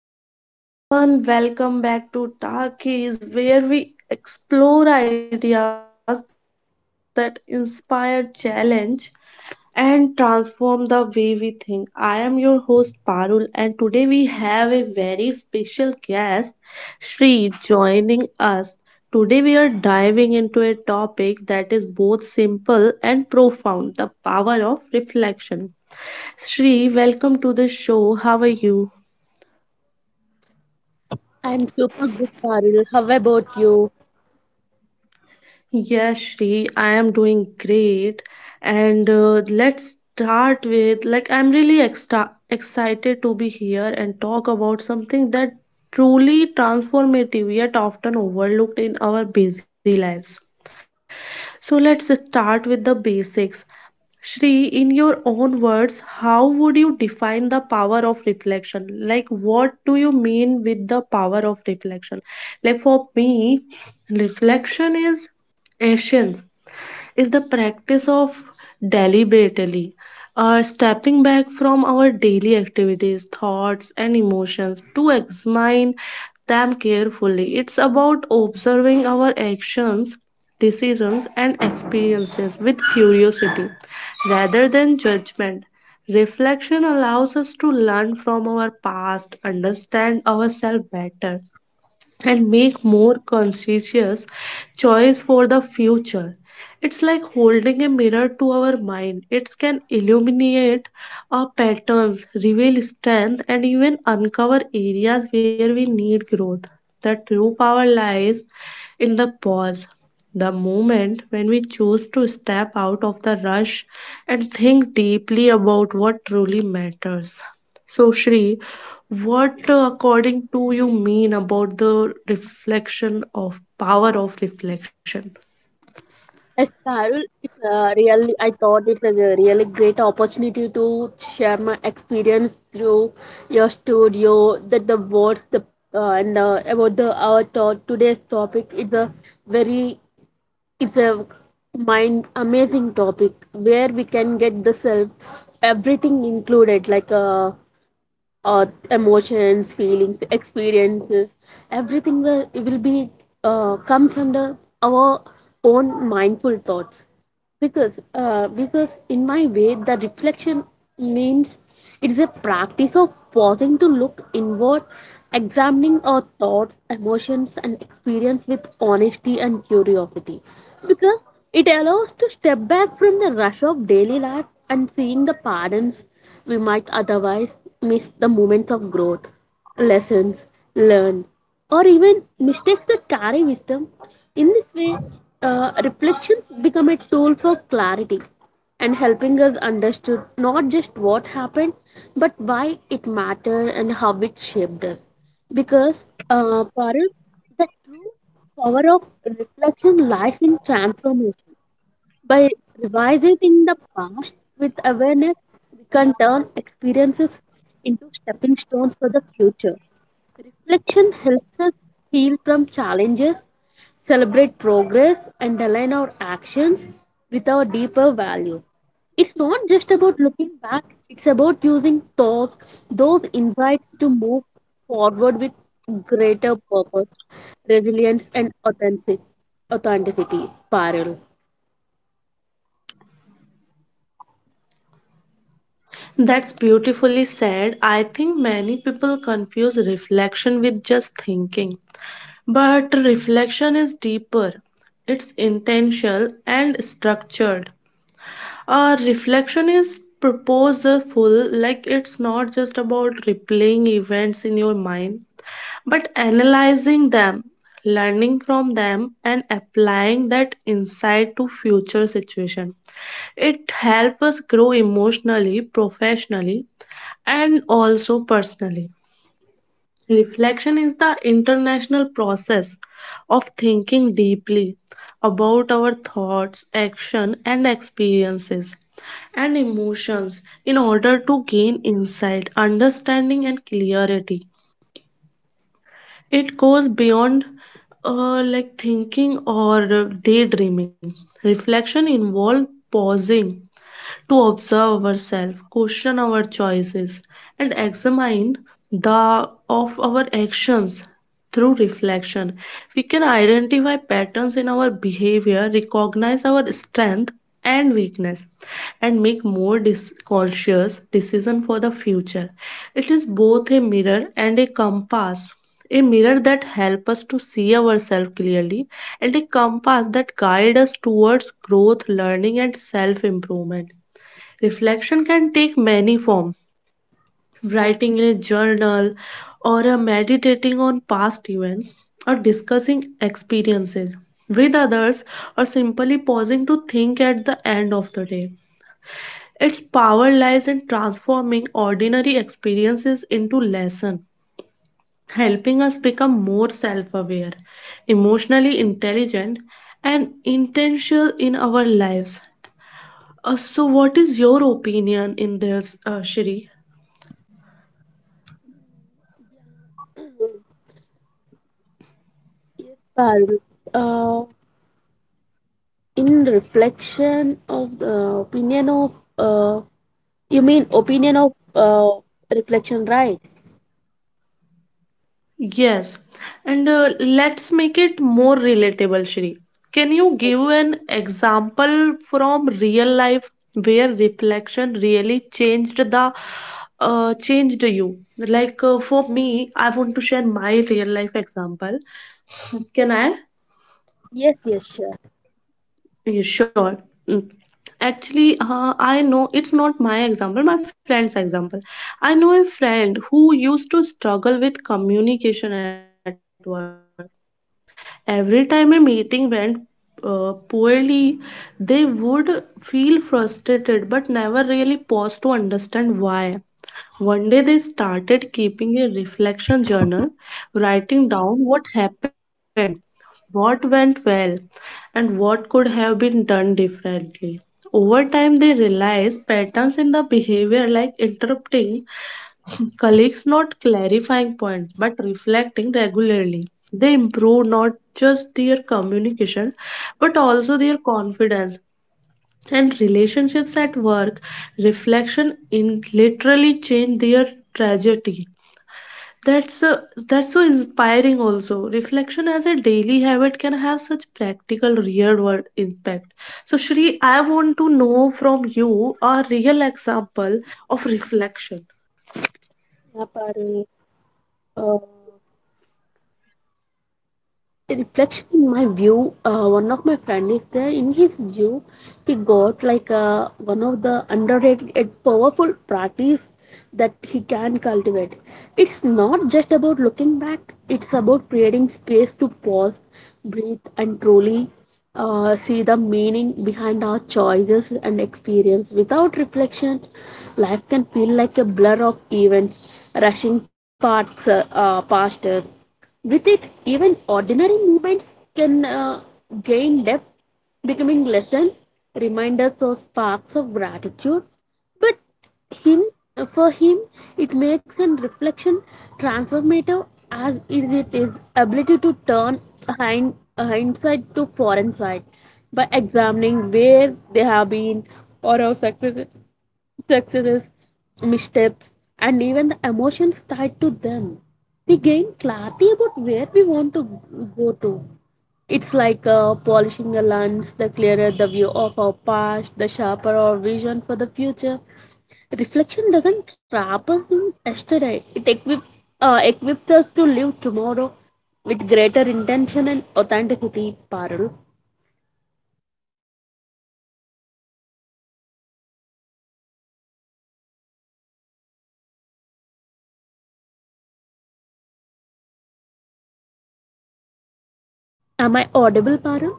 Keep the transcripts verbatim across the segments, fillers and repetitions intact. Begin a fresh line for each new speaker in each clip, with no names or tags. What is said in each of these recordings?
Hello everyone, welcome back to Talkies, where we explore ideas that inspire, challenge, and transform the way we think. I am your host Parul, and today we have a very special guest, Sri, joining us. Today we are diving into a topic that is both simple and profound the power of reflection. Sri, welcome to the show. How are you?
I'm super good, Parul. How about you?
Yes, Shri, I am doing great. And uh, let's start with like, I'm really exta excited be here and talk about something that truly transformative yet often overlooked in our busy lives. So let's start with the basics. Shri, in your own words, how would you define the power of reflection? Like, what do you mean with the power of reflection? Like, for me, reflection is essence is the practice of deliberately uh, stepping back from our daily activities, thoughts, and emotions to examine them carefully. It's about observing our actions, decisions, and experiences with curiosity rather than judgment. Reflection allows us to learn from our past, understand ourselves better, and make more conscientious choice for the future. It's like holding a mirror to our mind. It can illuminate our patterns, reveal strength, and even uncover areas where we need growth. The true power lies in the pause, the moment when we choose to step out of the rush and think deeply about what truly matters. So, Shri, what uh, according to you mean about the reflection of power of reflection?
As Parul, it's a really, I thought it's a really great opportunity to share my experience through your studio, that the words, the uh, and uh, about the our to- today's topic. It's a very, it's a mind amazing topic where we can get the self, everything included, like uh, uh, emotions, feelings, experiences, everything will, will be uh, comes under our own mindful thoughts. Because uh, because in my way, the reflection means it is a practice of pausing to look inward, examining our thoughts, emotions, and experience with honesty and curiosity. Because it allows to step back from the rush of daily life and seeing the patterns we might otherwise miss the moments of growth, lessons learned, or even mistakes that carry wisdom. In this way, uh, reflections become a tool for clarity and helping us understood not just what happened but why it mattered and how it shaped us because uh, Parul, the true power of reflection lies in transformation by revising the past with awareness. We can turn experiences into stepping stones for the future. Reflection helps us heal from challenges, celebrate progress, and align our actions with our deeper values. It's not just about looking back, it's about using those, those insights to move forward with greater purpose, resilience, and authentic, authenticity. Parallel.
That's beautifully said. I think many people confuse reflection with just thinking. But reflection is deeper, it's intentional and structured. Uh, reflection is purposeful, like it's not just about replaying events in your mind, but analyzing them, learning from them, and applying that insight to future situation. It helps us grow emotionally, professionally, and also personally. Reflection is the international process of thinking deeply about our thoughts, action, and experiences and emotions in order to gain insight, understanding, and clarity. It goes beyond uh, like thinking or daydreaming. Reflection involves pausing to observe ourselves, question our choices, and examine the of our actions through reflection. We can identify patterns in our behavior, recognize our strength and weakness, and make more dis- conscious decision for the future. It is both a mirror and a compass, a mirror that helps us to see ourselves clearly, and a compass that guides us towards growth, learning, and self improvement. Reflection can take many forms, writing in a journal, or a meditating on past events, or discussing experiences with others, or simply pausing to think at the end of the day. Its power lies in transforming ordinary experiences into lessons, helping us become more self aware, emotionally intelligent, and intentional in our lives. Uh, so, what is your opinion in this, uh, Shri?
Yes, Parul. Uh, in reflection of the opinion of, uh, you mean opinion of uh, reflection, right?
Yes, and uh, let's make it more relatable, Shri. Can you
Yes,
give an example from real life where reflection really changed the uh, changed you? Like uh, for me, I want to share my real life example. Can I?
yes, yes, sure.
Yeah, sure. Mm. Actually, uh, I know it's not my example, my friend's example. I know a friend who used to struggle with communication at work. Every time a meeting went uh, poorly, they would feel frustrated but never really pause to understand why. One day they started keeping a reflection journal, writing down what happened, what went well, and what could have been done differently. Over time, they realize patterns in the behavior like interrupting colleagues, not clarifying points, but reflecting regularly. They improve not just their communication, but also their confidence and relationships at work. Reflection in literally change their trajectory. That's uh, that's so inspiring also. Reflection as a daily habit can have such practical real world impact. So Shri, I want to know from you a real example of reflection.
Yeah, Parul. Uh, Reflection in my view, uh, one of my friend is there. In his view he got like, uh, one of the underrated and powerful practice that he can cultivate. It's not just about looking back, it's about creating space to pause, breathe, and truly uh, see the meaning behind our choices and experience. Without reflection life can feel like a blur of events rushing past uh, uh, past us. With it, even ordinary movements can uh, gain depth, becoming lessons, reminders, or sparks of gratitude. But him, for him, it makes an reflection transformative as is it is ability to turn hind, hindsight to foreign side by examining where they have been, or our success successes, missteps, and even the emotions tied to them. We gain clarity about where we want to go to. It's like uh, polishing a lens. The clearer the view of our past, the sharper our vision for the future. Reflection doesn't trap us in yesterday. It equip, uh, equips us to live tomorrow with greater intention and authenticity. Parul, am I audible, Parul?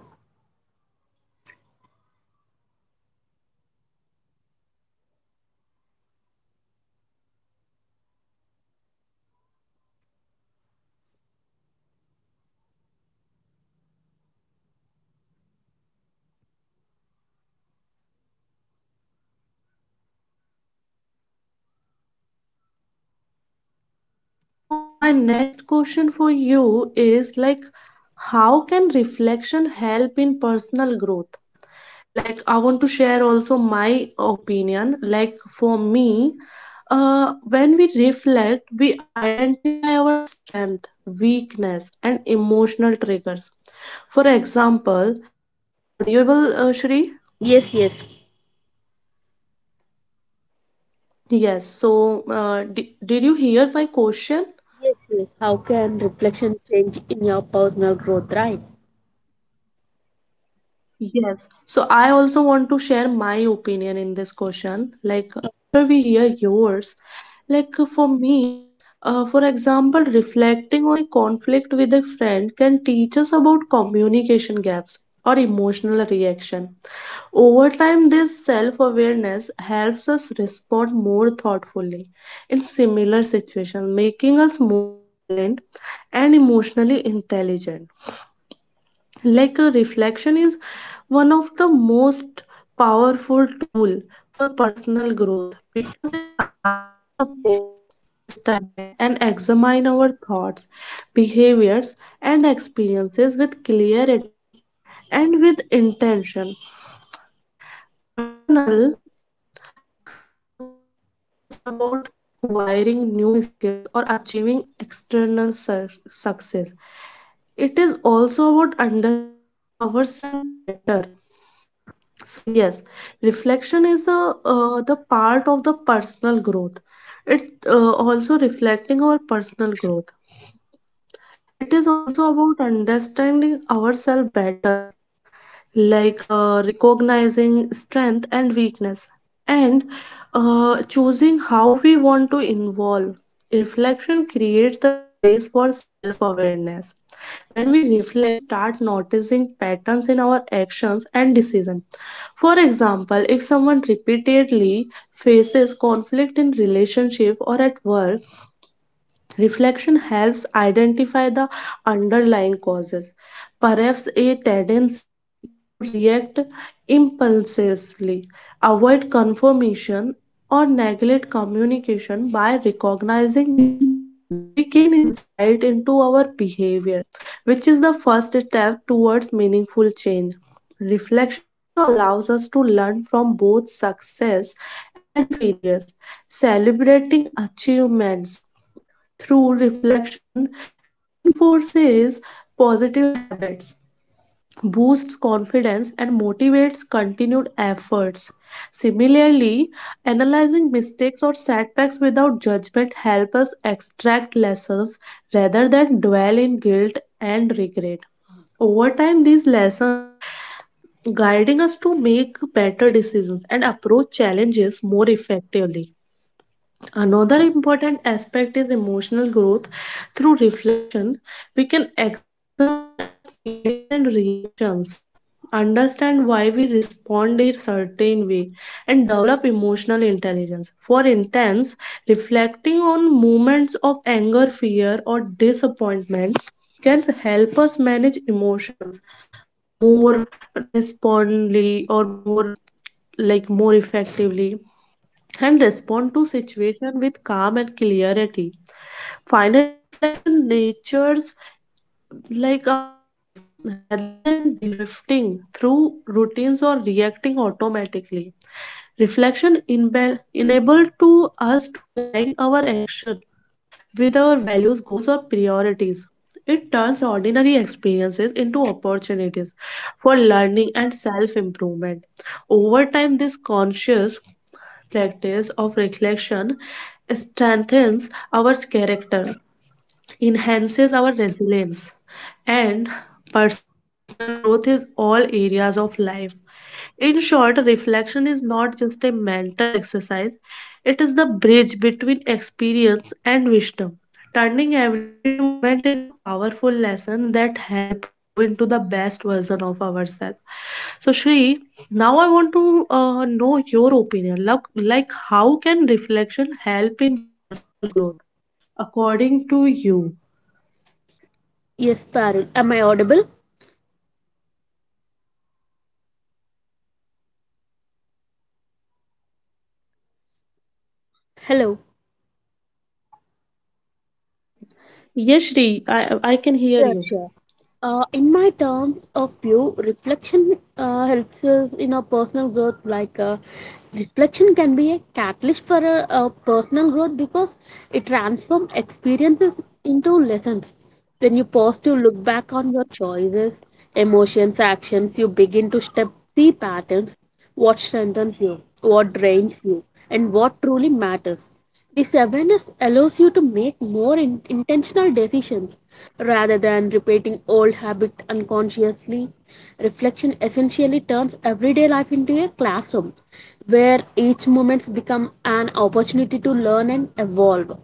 Yes, Shri. Uh, so my next question for you is like, how can reflection help in personal growth? Like, I want to share also my opinion. Like, for me, uh, when we reflect, we identify our strength, weakness, and emotional triggers. For example, is I'm audible, uh, Shri?
Yes, yes.
Yes. So, uh, di- did you hear my question?
Yes, yes. How can reflection change in your personal growth, right?
Yes. So I also want to share my opinion in this question. Like after we hear yours, like for me, uh, for example, reflecting on a conflict with a friend can teach us about communication gaps or emotional reaction. Over time, this self awareness helps us respond more thoughtfully in similar situations, making us more resilient and emotionally intelligent, like a reflection is one of the most powerful tool for personal growth because it allows us pause, step back and examine our thoughts, behaviors and experiences with clarity and with intention. Personal growth is not just about acquiring new skills or achieving external sur- success, it is also about understanding ourselves better. So yes, reflection is a uh, the part of the personal growth. It's uh, also reflecting our personal growth. It is also about understanding ourselves better, uh, recognizing strength and weakness, and uh, choosing how we want to involve. Reflection creates the space for self awareness. When we reflect, we start noticing patterns in our actions and decisions. For example, if someone repeatedly faces conflict in relationship or at work, reflection helps identify the underlying causes, perhaps a tendency to react impulsively, avoid confirmation, or neglect communication by recognizing these patterns. We gain insight into our behavior, which is the first step towards meaningful change. Reflection also allows us to learn from both success and failures, celebrating achievements through reflection, reinforces positive habits, boosts confidence, and motivates continued efforts. Similarly, analyzing mistakes or setbacks without judgment help us extract lessons rather than dwell in guilt and regret. Over time, these lessons guiding us to make better decisions and approach more effectively. Another important aspect is emotional growth. Through reflection, we can examine our feelings and reactions, understand why we respond a certain way, and develop emotional intelligence. For instance, reflecting on moments of anger, fear, or disappointments can help us manage emotions more responsibly or more like more effectively and respond to situation with calm and clarity. Finally, reflection natures like our life, rather than drifting through routines or reacting automatically. Reflection inbe- enable to us to align our action with our values, goals or priorities. It turns ordinary experiences into opportunities for learning and self improvement. Over time this conscious practice of reflection strengthens our character, enhances our resilience, and personal growth is all areas of life. In short, reflection is not just a mental exercise, it is the bridge between experience and wisdom, turning everyday moment into powerful lessons that help us grow into the best version of ourselves. So Shri, now I want to uh, know your opinion like, like how can reflection help in personal growth according to you?
Yes, Parul. Am I audible?
Yes, Shri, you are
Hello.
audible. Yes, Shri, I I can hear
Sure,
you.
sure. Uh, in my terms of view, reflection uh, helps us in our personal growth. Like, uh, reflection can be a catalyst for a, a personal growth because it transforms experiences into lessons. When you pause to look back on your choices, emotions, actions, you begin to step see patterns, what strengthens you, what drains you, and what truly matters. This awareness allows you to make more in- intentional decisions rather than repeating old habits unconsciously. Reflection essentially turns everyday life into a classroom where each moment becomes an opportunity to learn and evolve.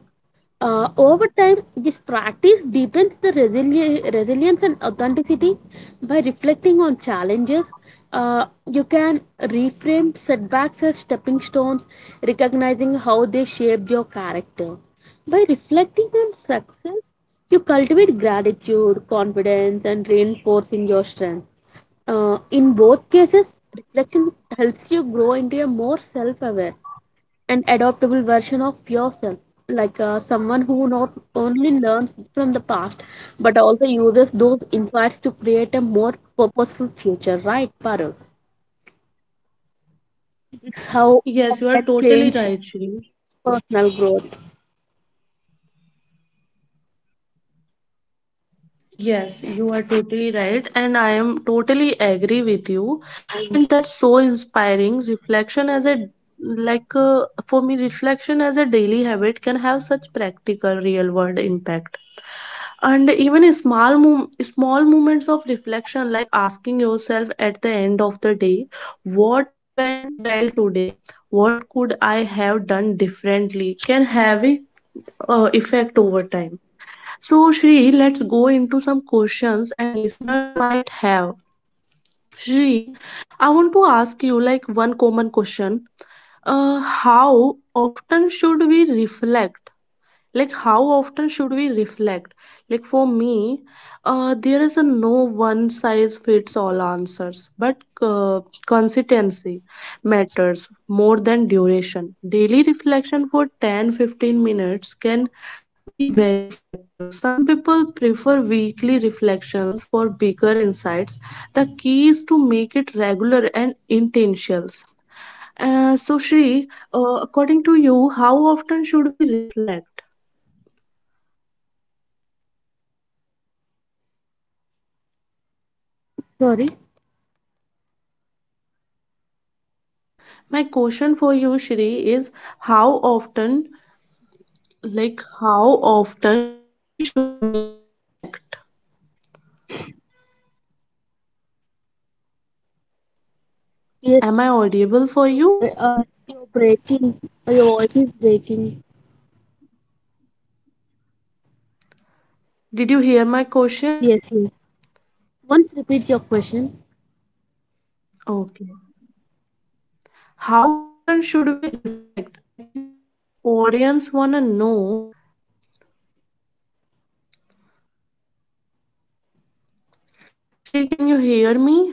Uh, over time, this practice deepens the resili- resilience and authenticity by reflecting on challenges. Uh, you can reframe setbacks as stepping stones, recognizing how they shaped your character. By reflecting on success, you cultivate gratitude, confidence, and reinforcing your strength. Uh, in both cases, reflection helps you grow into a more self aware an adaptable version of yourself, like uh, someone who not only learns from the past but also uses those insights to create a more purposeful future, right Parul?
Yes, you are totally right, Shri.
Personal growth.
Yes, you are totally right, and I am totally agree with you, and that's so inspiring. Reflection as a like uh, for me, reflection as a daily habit can have such practical, real world impact. And even a small mom- small moments of reflection, like asking yourself at the end of the day, what went well today, what could I have done differently, can have a uh, effect over time. So, Shri, let's go into some questions and listeners might have. Shri, I want to ask you like one common question. Uh, how often should we reflect, like how often should we reflect? Like for me, uh, there is a no one size fits all answers, but uh, consistency matters more than duration. Daily reflection for ten fifteen minutes can be very effective. Some people prefer weekly reflections for bigger insights. The key is to make it regular and intentional. Uh, so Shri, uh, according to you, how often should we reflect?
Sorry?
My question for you, Shri, is how often, like, how often should we reflect?
Yes,
Am I audible for
your
you?
bre- uh, your breaking, uh, your voice is breaking.
Did you hear my question?
Yes, yes, once repeat your question.
Okay. How often should we reflect? Actually, our audience wanna know. Shri, can you hear me?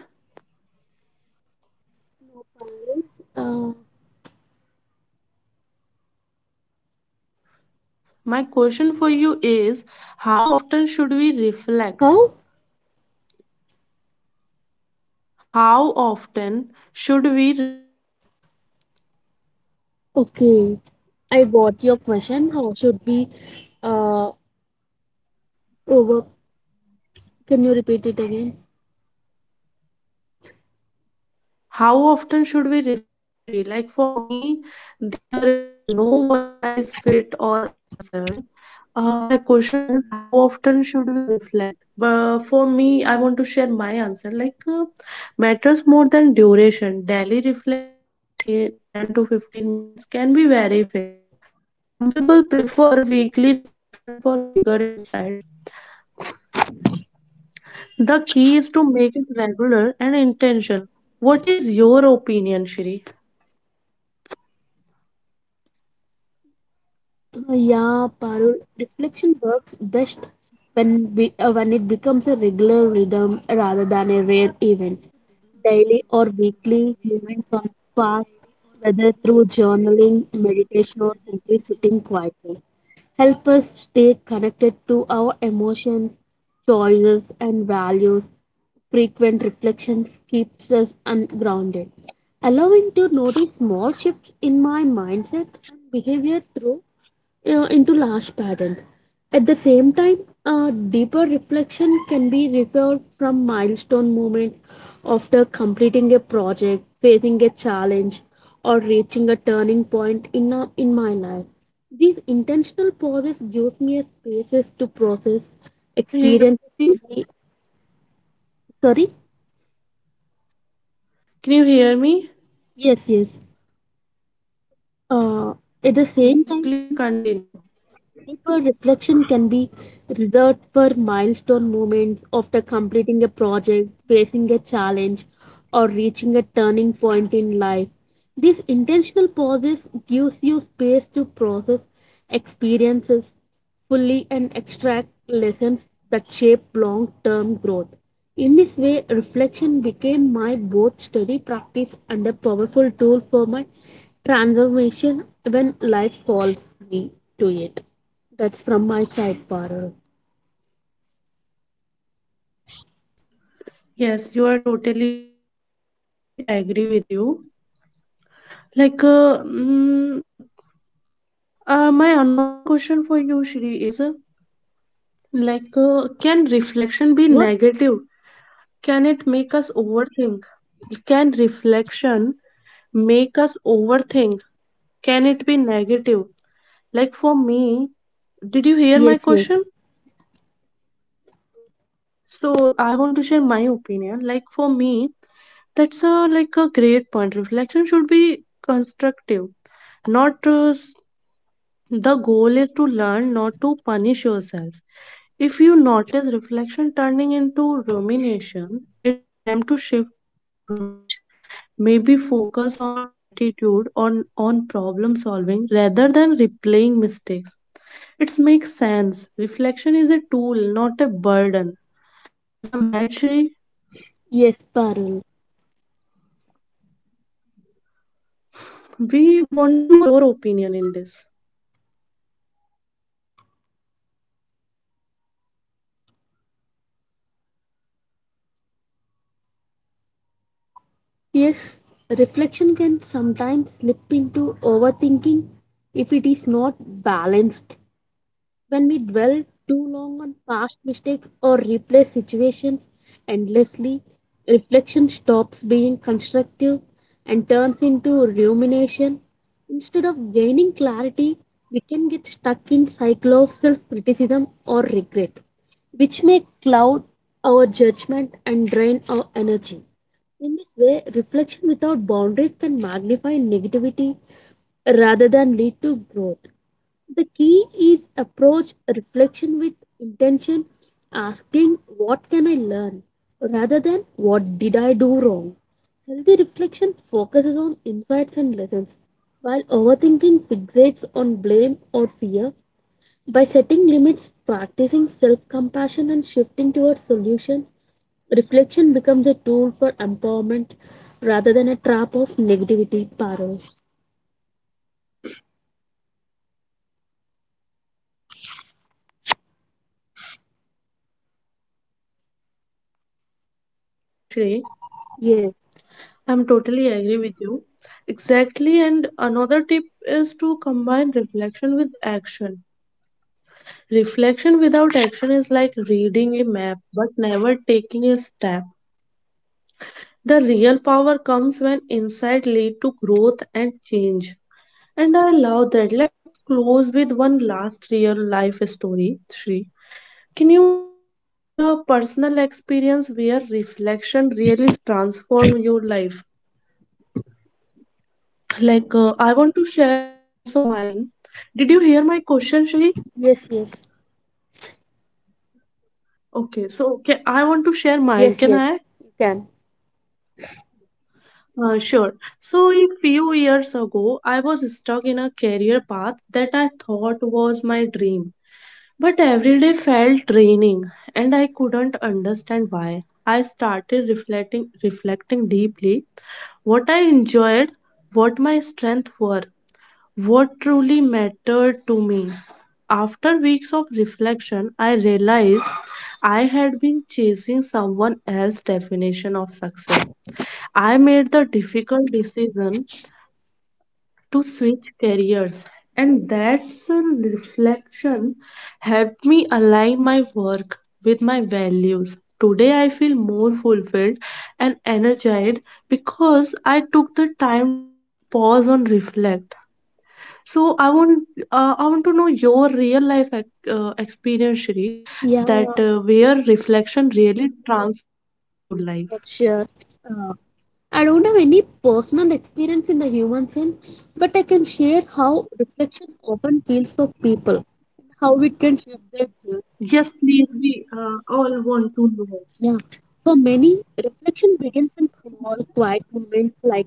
Parul, uh,
My question for you is how often should we reflect?
how
How often should we reflect?
okay, I got your question. How should be uh over Can you repeat it again?
How often should we reflect, Shri? Like for me, there is no one size fit all answer. Uh, my question is, how often should we reflect? But for me, I want to share my answer. Like uh, matters more than duration. Daily reflection for t- ten to fifteen minutes can be very effective. Some people prefer weekly reflection for bigger insights. The key is to make it regular and intentional. What is your opinion, Shri?
Uh, Yeah, Parul. Reflection works best when be, uh, when it becomes a regular rhythm rather than a rare event. Daily or weekly moments on past, whether through journaling, meditation, or simply sitting quietly, help us stay connected to our emotions, choices, and values. Frequent reflections keeps us ungrounded, allowing to notice small shifts in my mindset and behavior through uh, into large patterns. At the same time, a deeper reflection can be reserved from milestone moments after completing a project, facing a challenge, or reaching a turning point in, a, in my life. These intentional pauses gives me a spaces to process
Hear me,
experience.
Shri?
Sorry?
Can you hear me?
Yes, yes. Uh,
Yes,
at the
please
same time,
continue.
deeper reflection can be reserved for milestone moments after completing a project, facing a challenge, or reaching a turning point in life. These intentional pauses gives you space to process experiences fully and extract lessons that shape long-term growth. In this way, reflection became my both study practice and a powerful tool for my transformation when life calls me to it. That's from my side, Parul.
Yes, you are totally right, Shri, and I'm really agree with you. Like, uh, mm, uh, my another question for you, Shri, is uh, like, uh, can reflection be
What?
negative? Can it make us overthink? Can reflection make us overthink? Can it be negative? Like, for me, did you hear my
Yes, yes.
question? So, I want to share my opinion. Like, for me, that's a like a great point. Reflection should be constructive, not uh, s- the goal is to learn, not to punish yourself. If you notice reflection turning into rumination, it's time to shift your approach. Maybe focus on gratitude or on, on problem solving rather than replaying mistakes. It makes sense. Reflection is a tool, not a burden. As I'm right, Shri,
Yes, Parul.
we want to know your opinion in this.
Yes, reflection can sometimes slip into overthinking if it is not balanced. When we dwell too long on past mistakes or replay situations endlessly, reflection stops being constructive and turns into rumination. Instead of gaining clarity, we can get stuck in cycle of self-criticism or regret, which may cloud our judgment and drain our energy. In this way, reflection without boundaries can magnify negativity rather than lead to growth. The key is approach reflection with intention, asking what can I learn rather than what did I do wrong. Healthy reflection focuses on insights and lessons, while overthinking fixates on blame or fear. By setting limits, practicing self compassion, and shifting towards solutions, reflection becomes a tool for empowerment rather than a trap of negativity, Parul.
You are right, Shri.
Yes,
I'm totally agree with you. Exactly, and another tip is to combine reflection with action. Reflection without action is like reading a map but never taking a step. The real power comes when insight lead to growth and change. And I love that. Let's close with one last real life story. Three. Can you share a personal experience where reflection really transformed your life? Like, uh, I want to share also mine. Did you hear my question, Shri?
yes, yes,
Okay, so okay, I want to share mine.
yes,
Can
yes,
I?
you can.
Uh, sure. So, a few years ago, I was stuck in a career path that I thought was my dream. But every day felt draining, and I couldn't understand why. I started reflecting, reflecting deeply what I enjoyed, what my strengths were, what truly mattered to me. After weeks of reflection, I realized I had been chasing someone else's definition of success. I made the difficult decision to switch careers, and that reflection helped me align my work with my values. Today, I feel more fulfilled and energized because I took the time to pause and reflect. So I want uh, I want to know your real life ex- uh, experience, Shri,
Yeah,
that uh, where reflection really transformed your life.
sure. Uh, I don't have any personal experience in the human sense, but I can share how reflection often feels for people and how it can shape their journey.
Yes, please, we uh, all want to know.
Yeah, for many, reflection begins in small, quiet moments like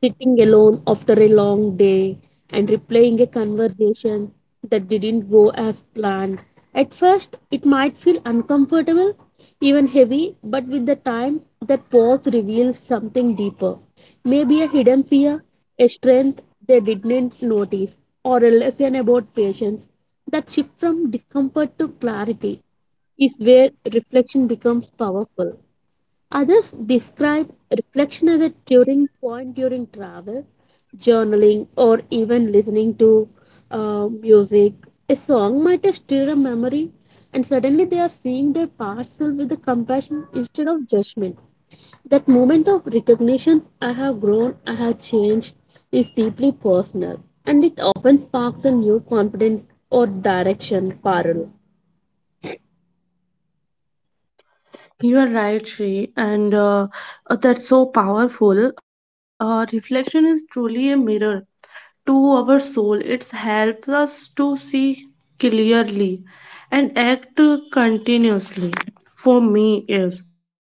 sitting alone after a long day and replaying a conversation that didn't go as planned. At first, it might feel uncomfortable, even heavy, but with the time, that pause reveals something deeper. Maybe a hidden fear, a strength they didn't notice, or a lesson about patience. That shift from discomfort to clarity is where reflection becomes powerful. Others describe reflection as a turning point during travel, journaling, or even listening to uh, music. A song might stir a memory, and suddenly they are seeing their past self with the compassion instead of judgment. That moment of recognition, I have grown, I have changed, is deeply personal, and it often sparks a new confidence or direction, parallel.
You are right, Shri, and uh, uh, that's so powerful. Uh, reflection is truly a mirror to our soul. It helps us to see clearly and act continuously. For me, yes.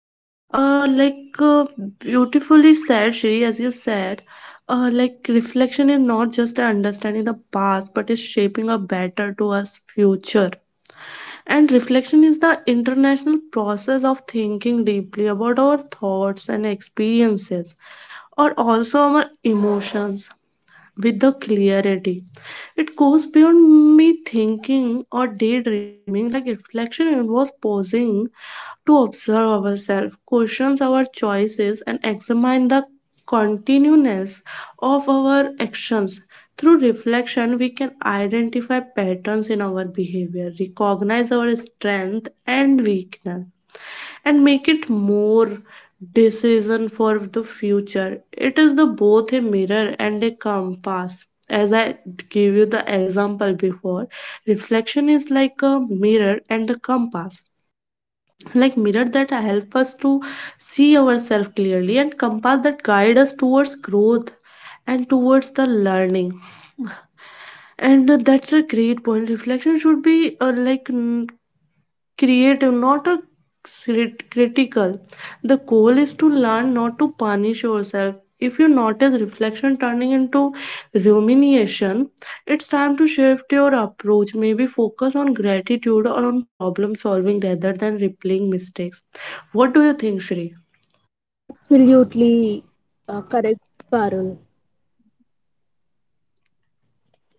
Uh, like uh, Beautifully said, Shri, as you said, uh, like reflection is not just understanding the past, but is shaping a better to us future. And reflection is the international process of thinking deeply about our thoughts and experiences or also our emotions with the clarity. It goes beyond me thinking or daydreaming, like reflection involves pausing to observe ourselves, questions our choices, and examine the continuance of our actions. Through reflection, we can identify patterns in our behavior, recognize our strength and weakness, and make it more decision for the future. It is the both a mirror and a compass. As I give you the example before, reflection is like a mirror and the compass. Like mirror that help us to see ourselves clearly and compass that guide us towards growth and towards the learning. And uh, that's a great point. Reflection should be uh, like n- creative, not a crit- critical. The goal is to learn not to punish yourself. If you notice reflection turning into rumination, it's time to shift your approach. Maybe focus on gratitude or on problem solving rather than replaying mistakes. What do you think, Shri?
Absolutely uh, correct, Parul.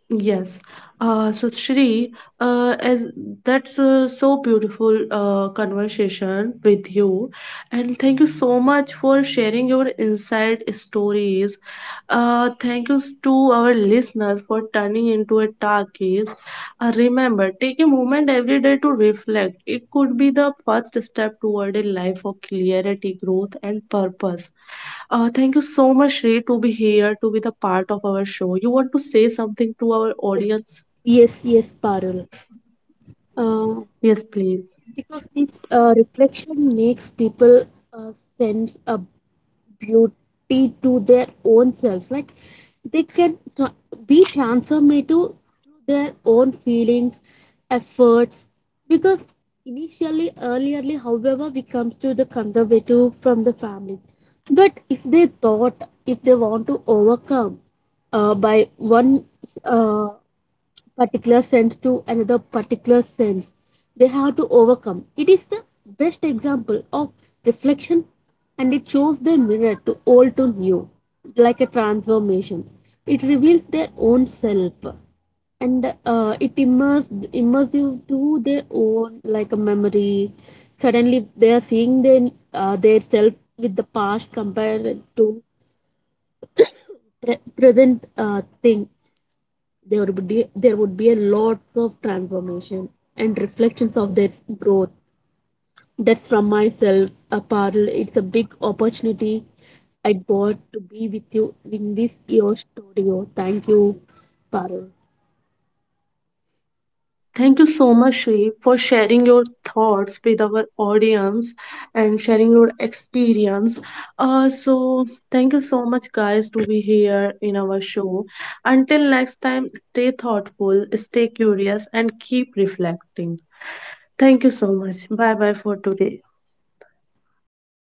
Yes. Uh, so Shri, uh, as that's uh, so beautiful uh, conversation with you, and thank you so much for sharing your inside stories. Uh, thank you to our listeners for turning into a talkies. Uh, remember, take moment every day to reflect. It could be the first step toward a life of clarity, growth, and purpose. Uh, thank you so much, Sri, to be here, to be the part of our show. You want to say something to our
Yes,
audience?
yes, yes, Parul. Uh,
Yes, please.
because this uh, reflection makes people uh, sense a beauty to their own selves, like they can tra- be transformative to their own feelings, efforts, because initially earlierly however we comes to the conservative from the family. But if they thought, if they want to overcome uh, by one uh, particular sense to another particular sense, they have to overcome. It is the best example of reflection, and it shows the mirror to old to new, like a transformation. It reveals their own self, and uh, it immerse immersive to their own like a memory. Suddenly they are seeing their uh, their self with the past compared to pre- present uh, thing. There would be there would be a lots of transformation and reflections of their growth. That's from myself, Parul. It's a big opportunity I bought to be with you in this your studio. Thank you, Parul.
Thank you so much, Sri, for sharing your thoughts with our audience and sharing your experience. Uh, so, thank you so much, guys, to be here in our show. Until next time, stay thoughtful, stay curious, and keep reflecting. Thank you so much. Bye bye for today.
Thank you.